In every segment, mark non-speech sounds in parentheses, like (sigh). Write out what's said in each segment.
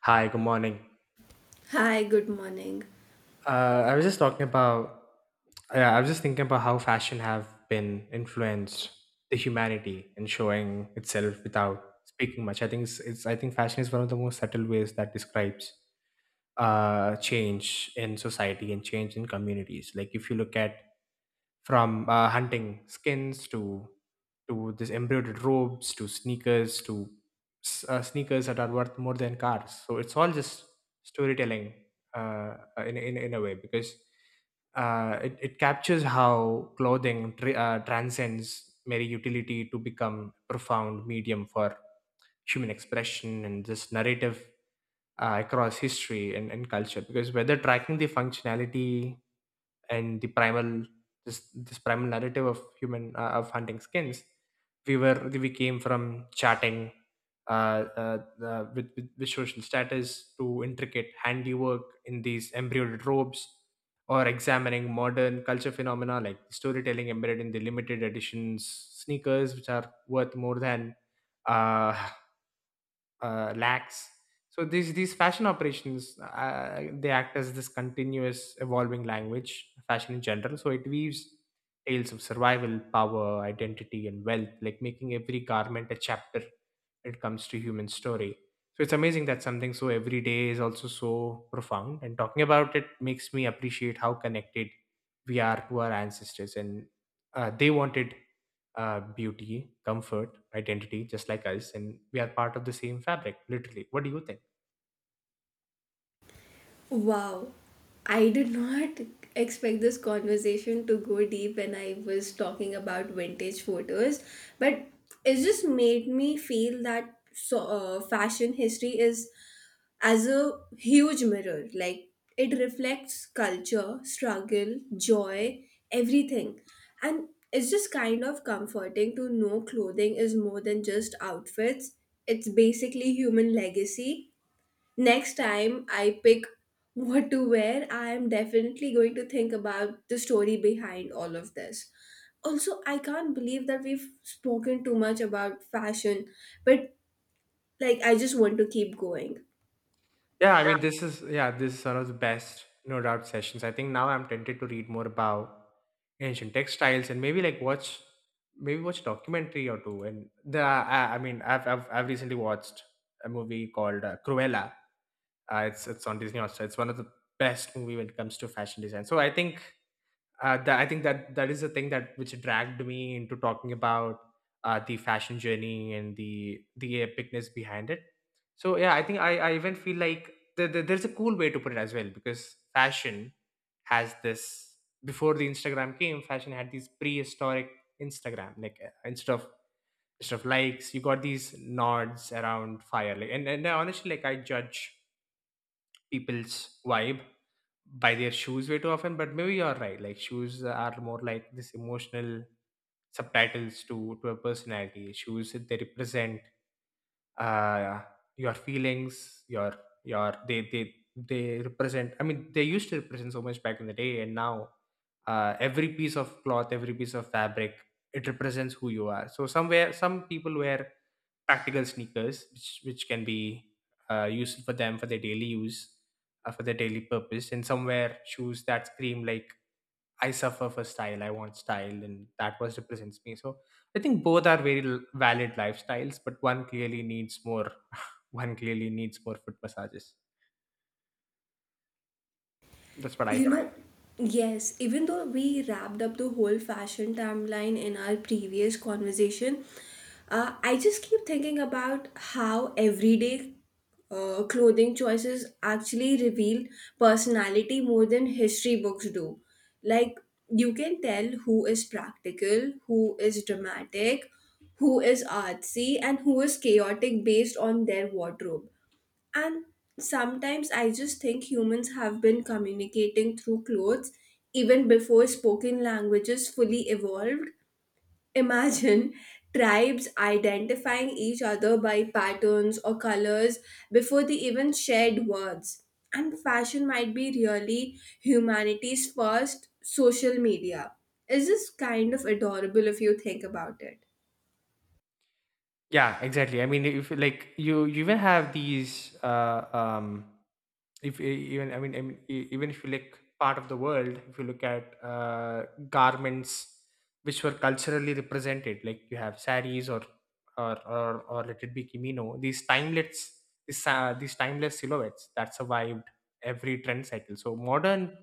Hi, good morning. Hi, good morning. I was just I was just thinking about how fashion have been influenced the humanity and showing itself without speaking much. I think it's I think fashion is one of the most subtle ways that describes change in society and change in communities. Like if you look at from hunting skins to this embroidered robes to sneakers to sneakers that are worth more than cars, so it's all just storytelling in a way because it captures how clothing transcends mere utility to become a profound medium for human expression and this narrative across history and culture, because whether tracking the functionality and the primal, this primal narrative of human of hunting skins, we came from chatting uh, uh, with social status to intricate handiwork in these embroidered robes, or examining modern culture phenomena like storytelling embedded in the limited editions sneakers which are worth more than uh, (laughs) lacks. So these fashion operations they act as this continuous evolving language, fashion in general. So it weaves tales of survival, power, identity, and wealth, like making every garment a chapter when it comes to human story. So it's amazing that something so everyday is also so profound. And talking about it makes me appreciate how connected we are to our ancestors, and they wanted beauty, comfort, identity, just like us, and we are part of the same fabric, literally. What do you think? Wow, I did not expect this conversation to go deep when I was talking about vintage photos, but it just made me feel that so, fashion history is as a huge mirror. Like it reflects culture, struggle, joy, everything. And it's just kind of comforting to know clothing is more than just outfits, it's basically human legacy next time I pick what to wear, I am definitely going to think about the story behind all of this. Also, I can't believe that we've spoken too much about fashion, but like I just want to keep going. Yeah, I mean, this is one of the best, no doubt, sessions. I think now I'm tempted to read more about ancient textiles and maybe like maybe watch a documentary or two. And I mean, I've recently watched a movie called Cruella. It's on Disney Hotstar. It's one of the best movie when it comes to fashion design. So I think that is the thing that which dragged me into talking about the fashion journey and the epicness behind it. So yeah, I think I even feel like there's a cool way to put it as well, because fashion has this, before the Instagram came, fashion had these prehistoric Instagram, like instead of likes, you got these nods around fire, like, and honestly, like, I judge people's vibe by their shoes way too often, but maybe you're right, like shoes are more like this emotional subtitles to a personality. Shoes, they represent uh your feelings, your they represent, I mean, they used to represent so much back in the day, and now every piece of cloth, every piece of fabric, it represents who you are. So somewhere some people wear practical sneakers which can be useful for them for their daily use, for their daily purpose, and somewhere shoes that scream like, I suffer for style, I want style, and that was represents me. So I think both are very valid lifestyles, but one clearly needs more (laughs) one clearly needs more foot massages. That's what I You feel. know, yes, even though we wrapped up the whole fashion timeline in our previous conversation, I just keep thinking about how everyday clothing choices actually reveal personality more than history books do. Like, you can tell who is practical, who is dramatic, who is artsy, and who is chaotic based on their wardrobe. And sometimes I just think humans have been communicating through clothes even before spoken languages fully evolved. Imagine tribes identifying each other by patterns or colors before they even shared words. And fashion might be really humanity's first social media. Is this kind of adorable if you think about it? Yeah, exactly. I mean, if like you even have these if e- even I mean, I mean even if you look part of the world, if you look at garments which were culturally represented, like you have saris or or let it be kimono, these timeless, these timeless silhouettes that survived every trend cycle. So modern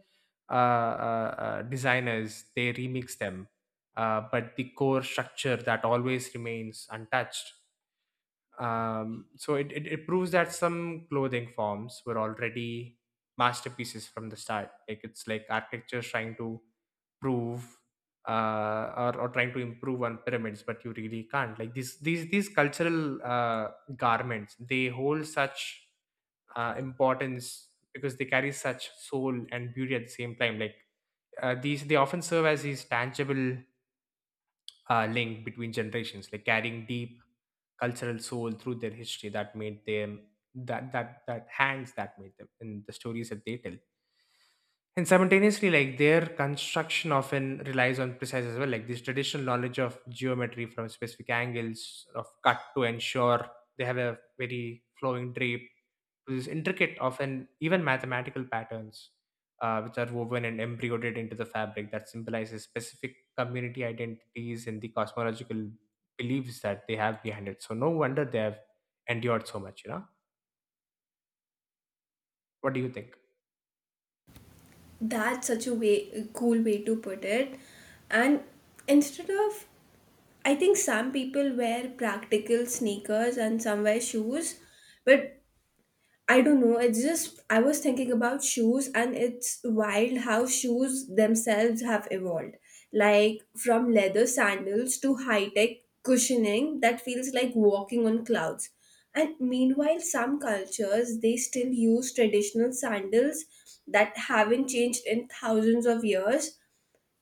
designers, they remix them, but the core structure that always remains untouched. It proves that some clothing forms were already masterpieces from the start. Like it's like architecture trying to prove or trying to improve on pyramids, but you really can't. Like these cultural garments, they hold such importance because they carry such soul and beauty at the same time. Like they often serve as these tangible link between generations, like carrying deep cultural soul through their history that made them, that hands that made them, and the stories that they tell. And simultaneously, like, their construction often relies on precise as well, like this traditional knowledge of geometry from specific angles of cut to ensure they have a very flowing drape, these intricate, often even mathematical patterns, which are woven and embroidered into the fabric that symbolizes specific community identities and the cosmological beliefs that they have behind it. So no wonder they have endured so much. You know, what do you think? That's such a way a cool way to put it. And instead of I think some people wear practical sneakers and some wear shoes, but I don't know. It's just I was thinking about shoes, and it's wild how shoes themselves have evolved. Like from leather sandals to high tech cushioning that feels like walking on clouds. And meanwhile, some cultures they still use traditional sandals that haven't changed in thousands of years.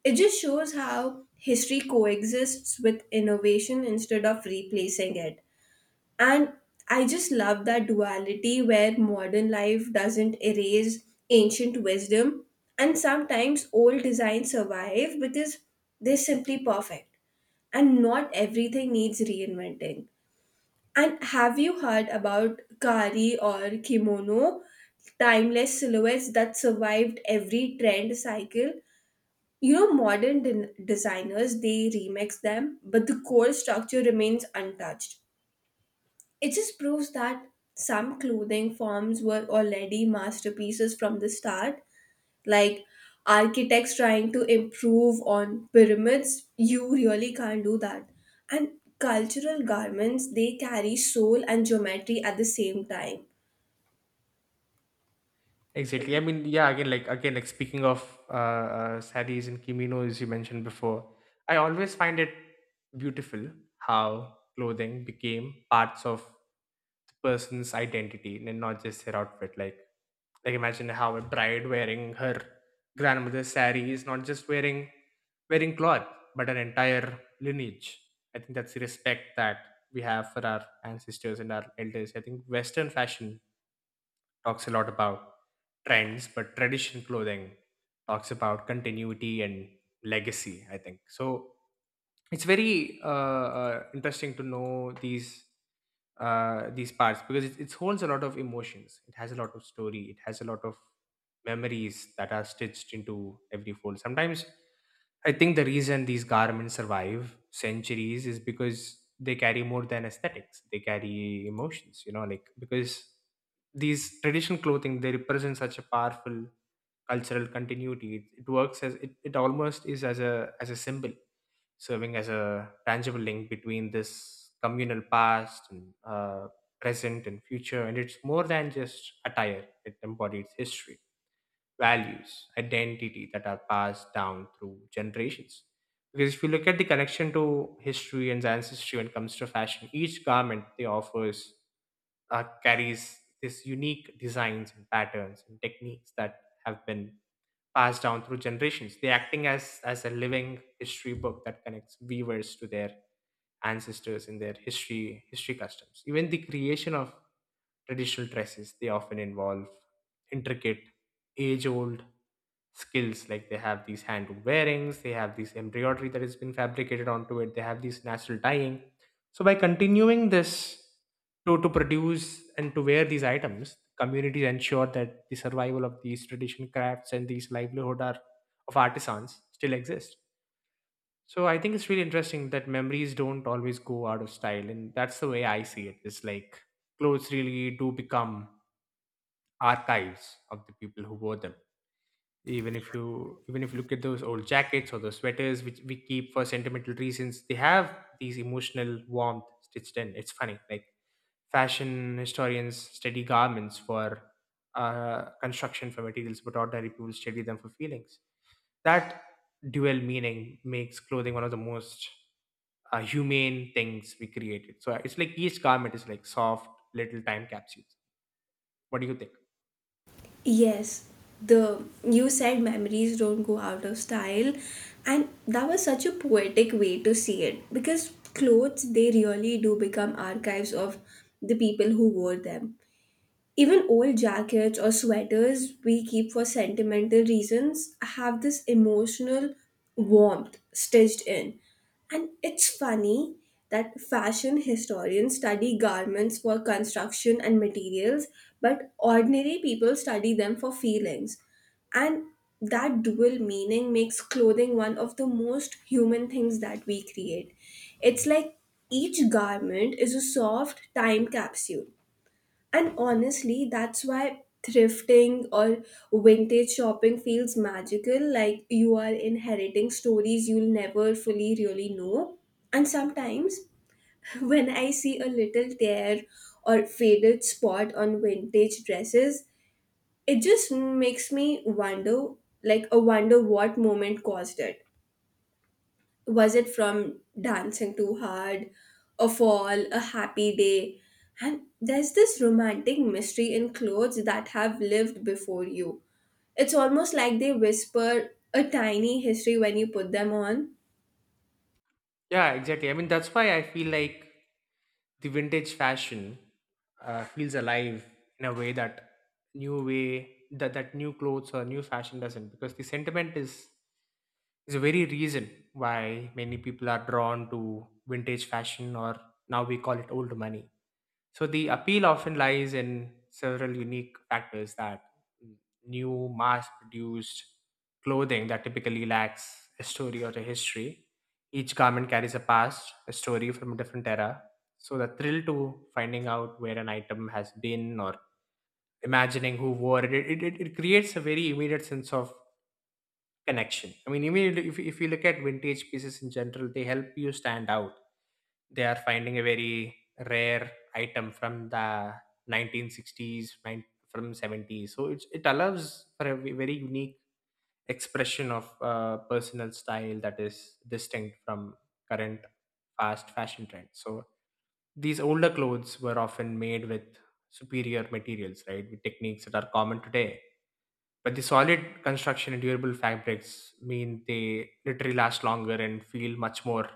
It just shows how history coexists with innovation instead of replacing it. And I just love that duality where modern life doesn't erase ancient wisdom. And sometimes old designs survive because they're simply perfect. And not everything needs reinventing. And have you heard about kari or kimono, timeless silhouettes that survived every trend cycle? You know, modern designers they remix them, but the core structure remains untouched. It just proves that some clothing forms were already masterpieces from the start, like architects trying to improve on pyramids. You really can't do that. And cultural garments they carry soul and geometry at the same time. Exactly. I mean, yeah. Again, like speaking of saris and kimonos you mentioned before, I always find it beautiful how clothing became parts of the person's identity and not just their outfit. Like imagine how a bride wearing her grandmother's sari is not just wearing cloth, but an entire lineage. I think that's the respect that we have for our ancestors and our elders. I think Western fashion talks a lot about trends, but traditional clothing talks about continuity and legacy, I think. So it's very interesting to know these parts because it holds a lot of emotions. It has a lot of story. It has a lot of memories that are stitched into every fold. Sometimes I think the reason these garments survive centuries is because they carry more than aesthetics. They carry emotions. You know, like, because these traditional clothing, they represent such a powerful cultural continuity. It works as it almost is as a symbol, serving as a tangible link between this communal past and present and future. And it's more than just attire, it embodies history, values, identity that are passed down through generations. Because if you look at the connection to history and ancestry when it comes to fashion, each garment they offers carries this unique designs and patterns and techniques that have been passed down through generations. They acting as a living history book that connects weavers to their ancestors in their history customs. Even the creation of traditional dresses, they often involve intricate, age old skills. Like they have these hand wearings, they have these embroidery that has been fabricated onto it, they have these natural dyeing. So, by continuing to produce and to wear these items, communities ensure that the survival of these tradition crafts and these livelihood are, of artisans still exist. So I think it's really interesting that memories don't always go out of style, and that's the way I see it. It's like clothes really do become archives of the people who wore them, even if you look at those old jackets or those sweaters which we keep for sentimental reasons. They have these emotional warmth stitched in. It's funny, like, fashion historians study garments for construction, for materials, but ordinary people study them for feelings. That dual meaning makes clothing one of the most humane things we created. So it's like each garment is like soft little time capsules. What do you think? Yes, the you said memories don't go out of style, and that was such a poetic way to see it because clothes they really do become archives of the people who wore them. Even old jackets or sweaters we keep for sentimental reasons have this emotional warmth stitched in. And it's funny that fashion historians study garments for construction and materials, but ordinary people study them for feelings. And that dual meaning makes clothing one of the most human things that we create. It's like each garment is a soft time capsule and honestly, that's why thrifting or vintage shopping feels magical, like you are inheriting stories you'll never fully really know. And sometimes, (laughs) when I see a little tear or faded spot on vintage dresses, it just makes me wonder like, I wonder what moment caused it. Was it from dancing too hard, a fall, a happy day? And there's this romantic mystery in clothes that have lived before you. It's almost like they whisper a tiny history when you put them on. Yeah, exactly. I mean, that's why I feel like the vintage fashion feels alive in a way that new way that that new clothes or new fashion doesn't, because the sentiment is a very reason why many people are drawn to vintage fashion, or now we call it old money. So the appeal often lies in several unique factors that new mass-produced clothing that typically lacks a story or a history. Each garment carries a past, a story from a different era. So the thrill to finding out where an item has been or imagining who wore it, it creates a very immediate sense of connection. I mean, immediately if you look at vintage pieces in general, they help you stand out. They are finding a very rare item from the 1960s, from 70s. So it's, it allows for a very unique expression of personal style that is distinct from current fast fashion trends. So these older clothes were often made with superior materials, right? With techniques that are common today. But the solid construction and durable fabrics mean they literally last longer and feel much more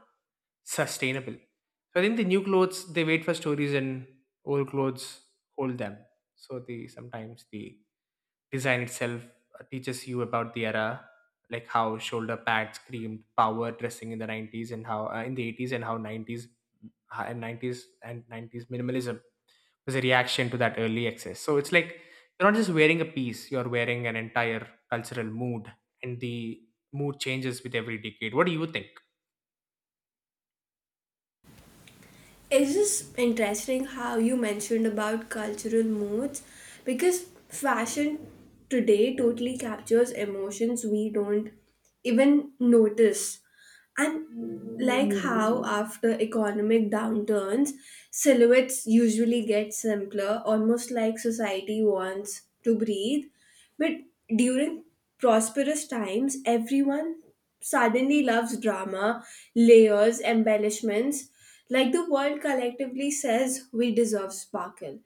sustainable. So I think the new clothes they wait for stories and old clothes hold them. So the sometimes the design itself teaches you about the era, like how shoulder pads screamed power dressing in the 90s, and how in the 80s, and how 90s uh, and 90s and 90s minimalism was a reaction to that early excess. So it's like you're not just wearing a piece, you're wearing an entire cultural mood and the mood changes with every decade. What do you think? It's just interesting how you mentioned about cultural moods because fashion today totally captures emotions we don't even notice, and like how after economic downturns silhouettes usually get simpler, almost like society wants to breathe. But during prosperous times, everyone suddenly loves drama, layers, embellishments. Like the world collectively says, we deserve sparkle.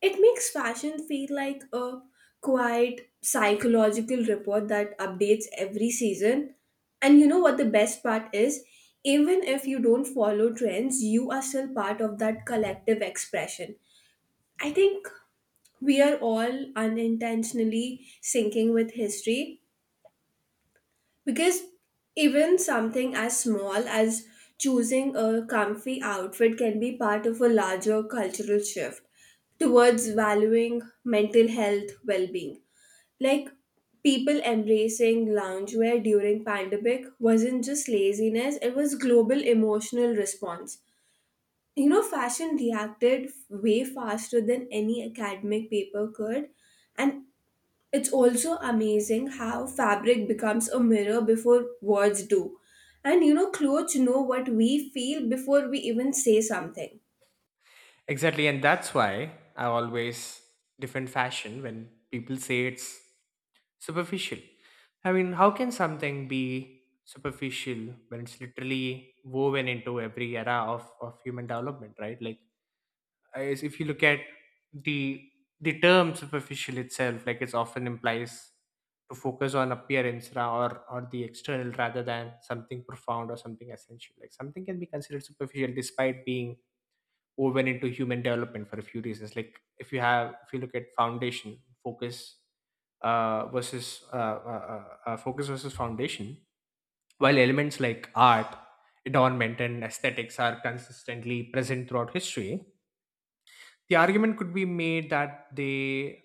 It makes fashion feel like a quiet psychological report that updates every season. And you know what the best part is? Even if you don't follow trends, you are still part of that collective expression. I think we are all unintentionally syncing with history because even something as small as choosing a comfy outfit can be part of a larger cultural shift towards valuing mental health well-being. Like people embracing loungewear during pandemic wasn't just laziness, it was global emotional response. You know, fashion reacted way faster than any academic paper could. And it's also amazing how fabric becomes a mirror before words do. And you know, clothes know what we feel before we even say something. Exactly, and that's why I always defend fashion when people say it's superficial. I mean, how can something be superficial when it's literally woven into every era of human development, right? Like, as if you look at the the term superficial itself, like it's often implies to focus on appearance or the external rather than something profound or something essential. Like something can be considered superficial despite being over into human development for a few reasons. Like if you have, if you look at foundation focus versus focus versus foundation, while elements like art, adornment, and aesthetics are consistently present throughout history, the argument could be made that they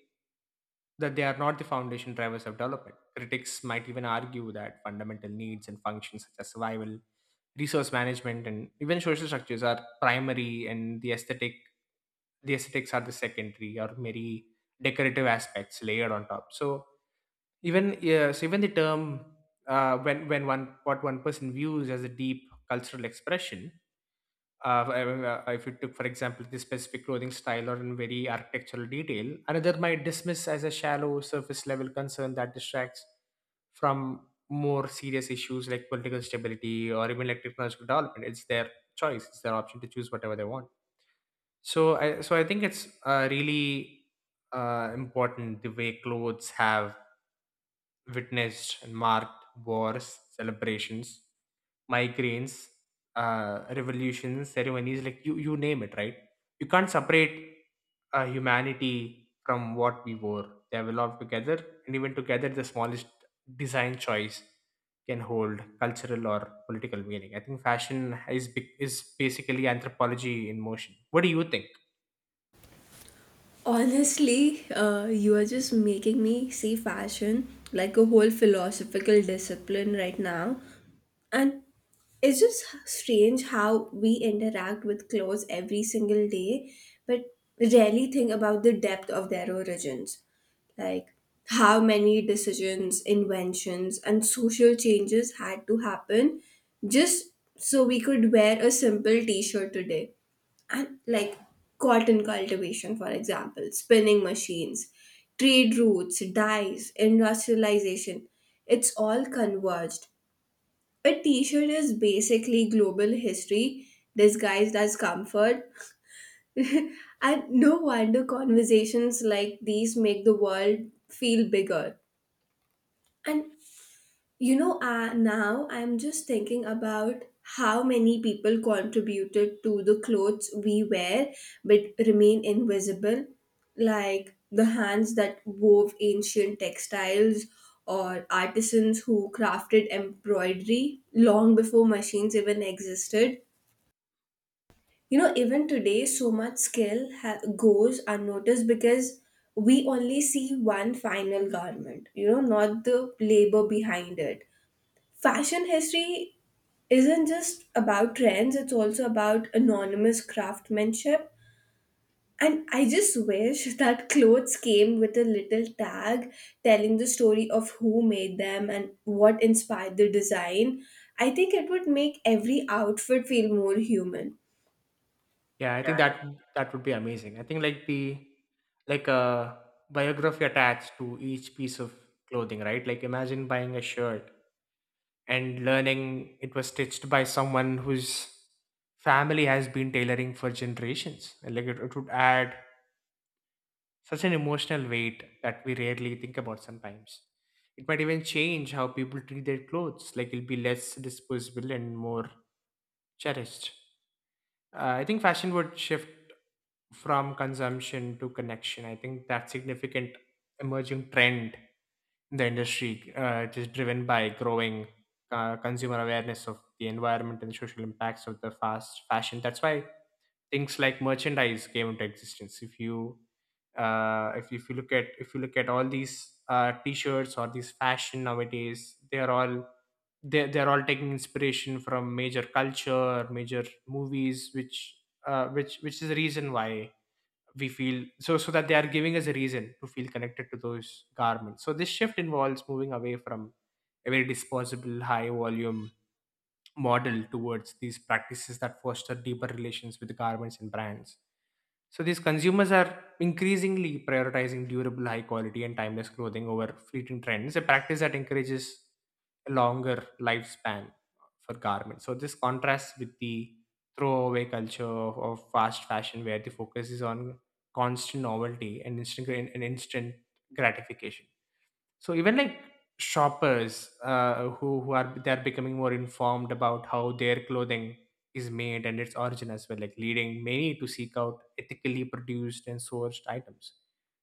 that they are not the foundation drivers of development. Critics might even argue that fundamental needs and functions such as survival, resource management, and even social structures are primary, and the aesthetics are the secondary or maybe decorative aspects layered on top. So even yeah, so even the term, when one what one person views as a deep cultural expression, uh, if you took for example this specific clothing style or in very architectural detail, another might dismiss as a shallow surface level concern that distracts from more serious issues like political stability or even like technological development. It's their choice, it's their option to choose whatever they want. So I think it's really important the way clothes have witnessed and marked wars, celebrations, migraines, revolutions, ceremonies, like you name it, right? You can't separate humanity from what we wore. They have evolved together, and even together, the smallest design choice can hold cultural or political meaning. I think fashion is basically anthropology in motion. What do you think? Honestly, you are just making me see fashion like a whole philosophical discipline right now. And it's just strange how we interact with clothes every single day, but rarely think about the depth of their origins. Like how many decisions, inventions, and social changes had to happen just so we could wear a simple t shirt today. And like cotton cultivation, for example, spinning machines, trade routes, dyes, industrialization, it's all converged. A t shirt is basically global history disguised as comfort. (laughs) And no wonder conversations like these make the world feel bigger. And you know, now I'm just thinking about how many people contributed to the clothes we wear but remain invisible, like the hands that wove ancient textiles or artisans who crafted embroidery long before machines even existed. You know, even today, so much skill goes unnoticed because we only see one final garment, you know, not the labor behind it. Fashion history isn't just about trends, it's also about anonymous craftsmanship. And I just wish (laughs) that clothes came with a little tag telling the story of who made them and what inspired the design. I think it would make every outfit feel more human. Yeah, I Yeah, think that that would be amazing. I think like the like a biography attached to each piece of clothing, right? Like imagine buying a shirt and learning it was stitched by someone whose family has been tailoring for generations. And like it would add such an emotional weight that we rarely think about sometimes. It might even change how people treat their clothes. Like it'll be less disposable and more cherished. I think fashion would shift from consumption to connection. I think that significant emerging trend in the industry, it is driven by growing consumer awareness of the environment and the social impacts of the fast fashion. That's why things like merchandise came into existence. If you look at if you look at all these t-shirts or these fashion nowadays, they are all they're all taking inspiration from major culture, major movies, which which is the reason why we feel so so that they are giving us a reason to feel connected to those garments. So this shift involves moving away from a very disposable high volume model towards these practices that foster deeper relations with the garments and brands. So these consumers are increasingly prioritizing durable, high quality, and timeless clothing over fleeting trends, a practice that encourages a longer lifespan for garments. So this contrasts with the throwaway culture of fast fashion, where the focus is on constant novelty and instant gratification. So even like shoppers, who are they're becoming more informed about how their clothing is made and its origin as well, like leading many to seek out ethically produced and sourced items.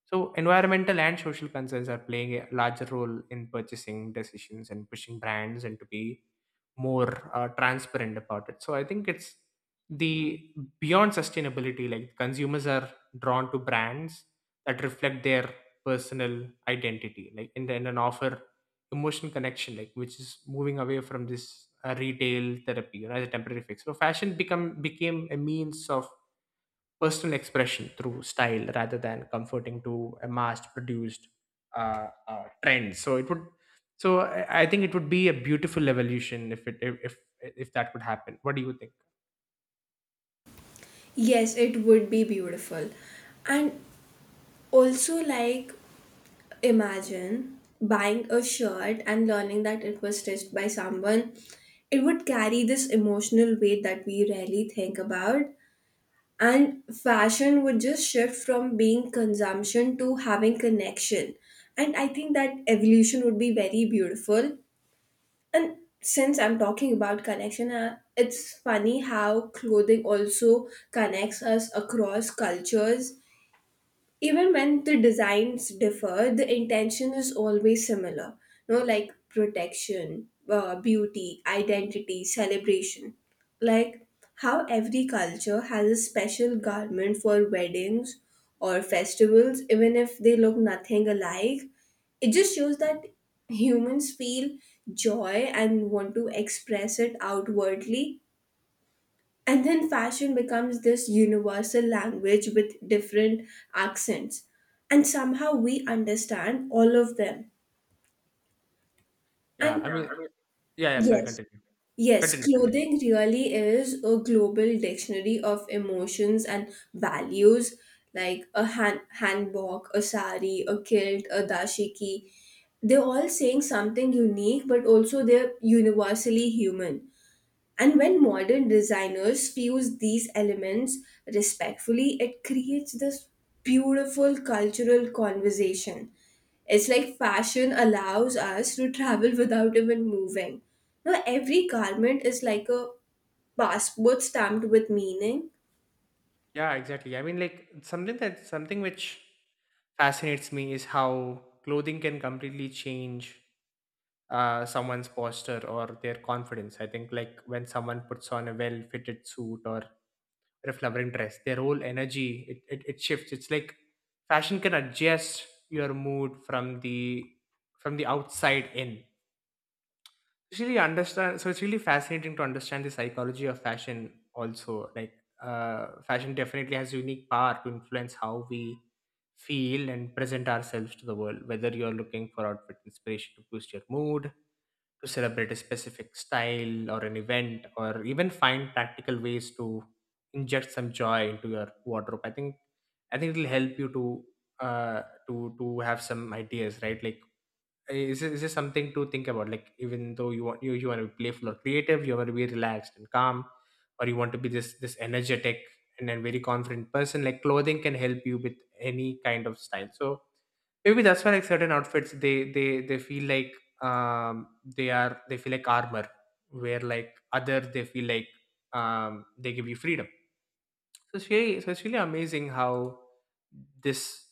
So environmental and social concerns are playing a larger role in purchasing decisions and pushing brands and to be more transparent about it. So I think it's the beyond sustainability, like consumers are drawn to brands that reflect their personal identity, like and then and offer emotional connection, like which is moving away from this retail therapy, you know, as a temporary fix. So fashion become became a means of personal expression through style rather than comforting to a mass produced trend. So it would, so I think it would be a beautiful evolution if it if that could happen. What do you think? yes, it would be beautiful. And also, like, imagine buying a shirt and learning that it was stitched by someone. It would carry this emotional weight that we rarely think about. And fashion would just shift from being consumption to having connection. And I think that evolution would be very beautiful. And since I'm talking about connection, it's funny how clothing also connects us across cultures even when the designs differ, the intention is always similar. No, like protection, beauty, identity, celebration, like how every culture has a special garment for weddings or festivals even if they look nothing alike. It just shows that humans feel joy and want to express it outwardly, and then fashion becomes this universal language with different accents. And somehow we understand all of them. Yeah, And I yeah, mean, I mean, yeah yeah, sorry, yes, continue yes, continue continue. clothing really is a global dictionary of emotions and values, like a handbag, a sari, a kilt, a dashiki. They're all saying something unique, but also they're universally human. And when modern designers fuse these elements respectfully, it creates this beautiful cultural conversation. It's like fashion allows us to travel without even moving. Now, every garment is like a passport stamped with meaning. Yeah, exactly, I mean, like something that something which fascinates me is how clothing can completely change someone's posture or their confidence. I think like when someone puts on a well fitted suit or their flowering dress, their whole energy, it shifts. It's like fashion can adjust your mood from the outside in. It's really fascinating to understand the psychology of fashion also. Like fashion definitely has unique power to influence how we feel and present ourselves to the world, whether you're looking for outfit inspiration to boost your mood, to celebrate a specific style or an event, or even find practical ways to inject some joy into your wardrobe. I think it'll help you to uh to have some ideas, right? Like is this something to think about? Like even though you want you want to be playful or creative, you want to be relaxed and calm, or you want to be this this energetic and then very confident person, like clothing can help you with any kind of style. So maybe that's why like certain outfits they feel like they feel like armor, where like other they feel like they give you freedom. So it's really amazing how this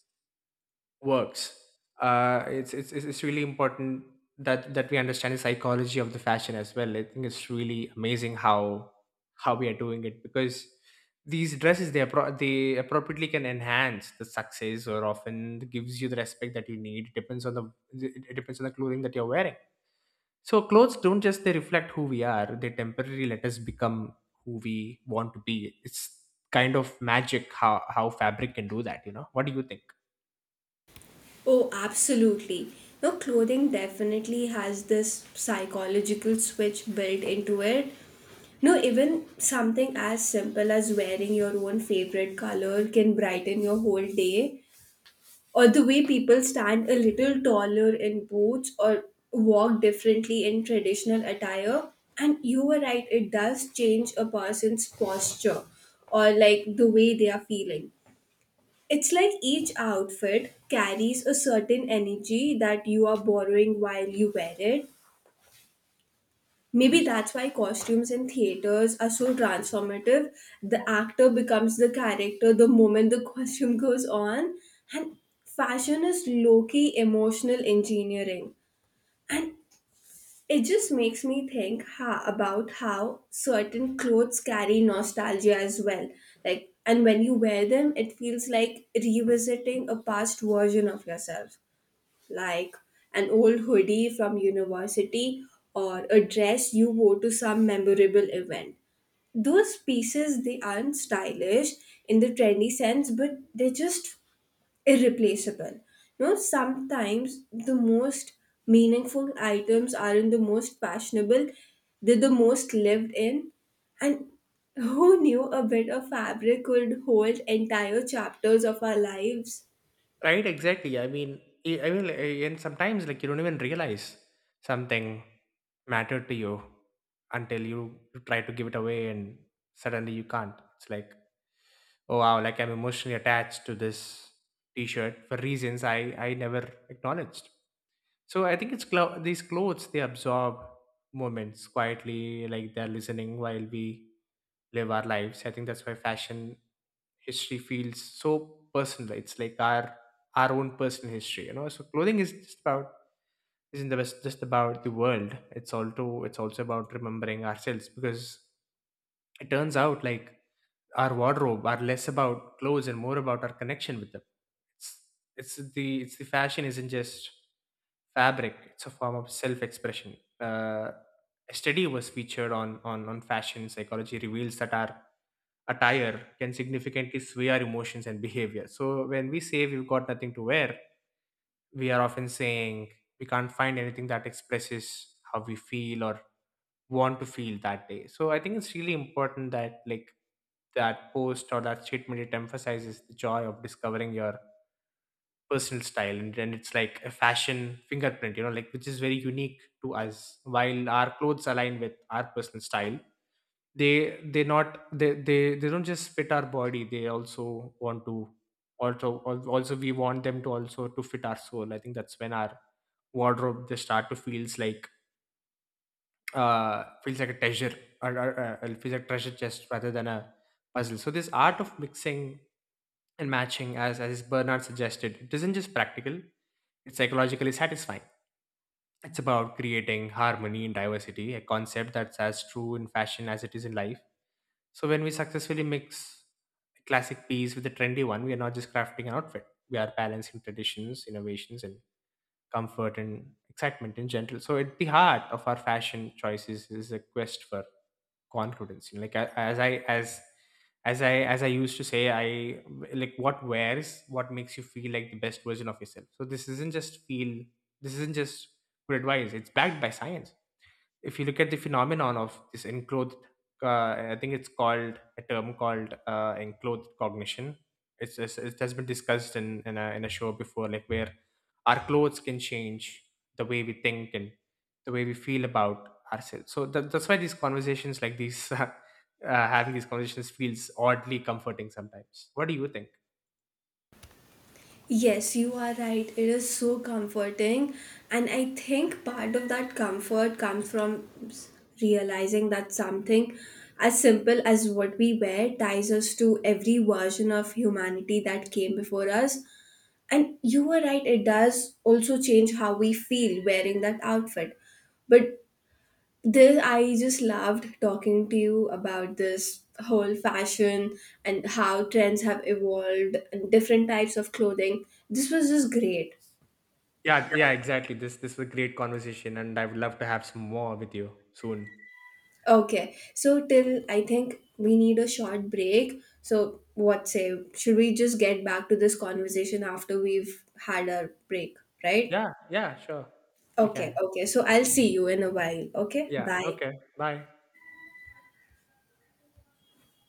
works. It's really important that that we understand the psychology of the fashion as well. I think it's really amazing how we are doing it, because these dresses they appropriately can enhance the success or often gives you the respect that you need. It depends on the it depends on the clothing that you're wearing. So clothes don't just they reflect who we are. They temporarily let us become who we want to be. It's kind of magic how fabric can do that, you know. What do you think? Oh, absolutely. No, clothing definitely has this psychological switch built into it. No, even something as simple as wearing your own favorite color can brighten your whole day. Or the way people stand a little taller in boots or walk differently in traditional attire. And you were right, it does change a person's posture or like the way they are feeling. It's like each outfit carries a certain energy that you are borrowing while you wear it. Maybe Interesting. that's why costumes in theaters are so transformative. The actor becomes the character the moment the (laughs) costume goes on. And fashion is low key emotional engineering. And it just makes me think about how certain clothes carry nostalgia as well. Like, and when you wear them, it feels like revisiting a past version of yourself, like an old hoodie from university or a dress you wore to some memorable event. Those pieces, they aren't stylish in the trendy sense, but they just irreplaceable. You know, sometimes the most meaningful items aren't the most fashionable, they're the most lived in. And who knew a bit of fabric could hold entire chapters of our lives? Right, exactly. I mean, I mean, like, and sometimes like you don't even realize something mattered to you until you try to give it away, and suddenly you can't. It's like, oh wow, like I'm emotionally attached to this T-shirt for reasons I never acknowledged. So I think these clothes they absorb moments quietly, like they're listening while we live our lives. I think that's why fashion history feels so personal. It's like our own personal history, you know. So clothing is just about isn't the best just about the world. It's also about remembering ourselves, because it turns out like our wardrobe are less about clothes and more about our connection with them. It's it's the fashion isn't just fabric. It's a form of self-expression. A study was featured on on fashion psychology reveals that our attire can significantly sway our emotions and behavior. So when we say we've got nothing to wear, we are often saying we can't find anything that expresses how we feel or want to feel that day. So I think it's really important that like that post or that statement, it emphasizes the joy of discovering your personal style, and then it's like a fashion fingerprint, you know, like which is very unique to us. While our clothes align with our personal style, they not they they don't just fit our body, they also want to also al- also we want them to also to fit our soul. I think that's when our wardrobe just start to feels like a treasure, or feels like treasure chest rather than a puzzle. So this art of mixing and matching, as Bernard suggested, it isn't just practical, it's psychologically satisfying. It's about creating harmony and diversity, a concept that's as true in fashion as it is in life. So when we successfully mix a classic piece with a trendy one, we are not just crafting an outfit. We are balancing traditions, innovations, and comfort and excitement in general. So at the heart of our fashion choices is a quest for confidence. You know, like as I used to say, I like what wears what makes you feel like the best version of yourself. So this isn't just feel. This isn't just good advice. It's backed by science. If you look at the phenomenon of this enclosed, I think it's called a term called enclosed cognition. It's it has been discussed in in a show before, like where our clothes can change the way we think and the way we feel about ourselves. So that, that's why these conversations like these (laughs) having these conversations feels oddly comforting sometimes. What do you think? Yes, you are right. It is so comforting. And I think part of that comfort comes from realizing that something as simple as what we wear ties us to every version of humanity that came before us. And you were right, it does also change how we feel wearing that outfit. But this, I just loved talking to you about this whole fashion and how trends have evolved and different types of clothing. This was just great. Yeah yeah, exactly, this was a great conversation and I would love to have some more with you soon. Okay, so till I think we need a short break. So, what say? Should we just get back to this conversation after we've had our break, right? Yeah yeah, sure we Okay, can. okay. So, I'll see you in a while. Okay, Yeah. bye. Okay. Bye.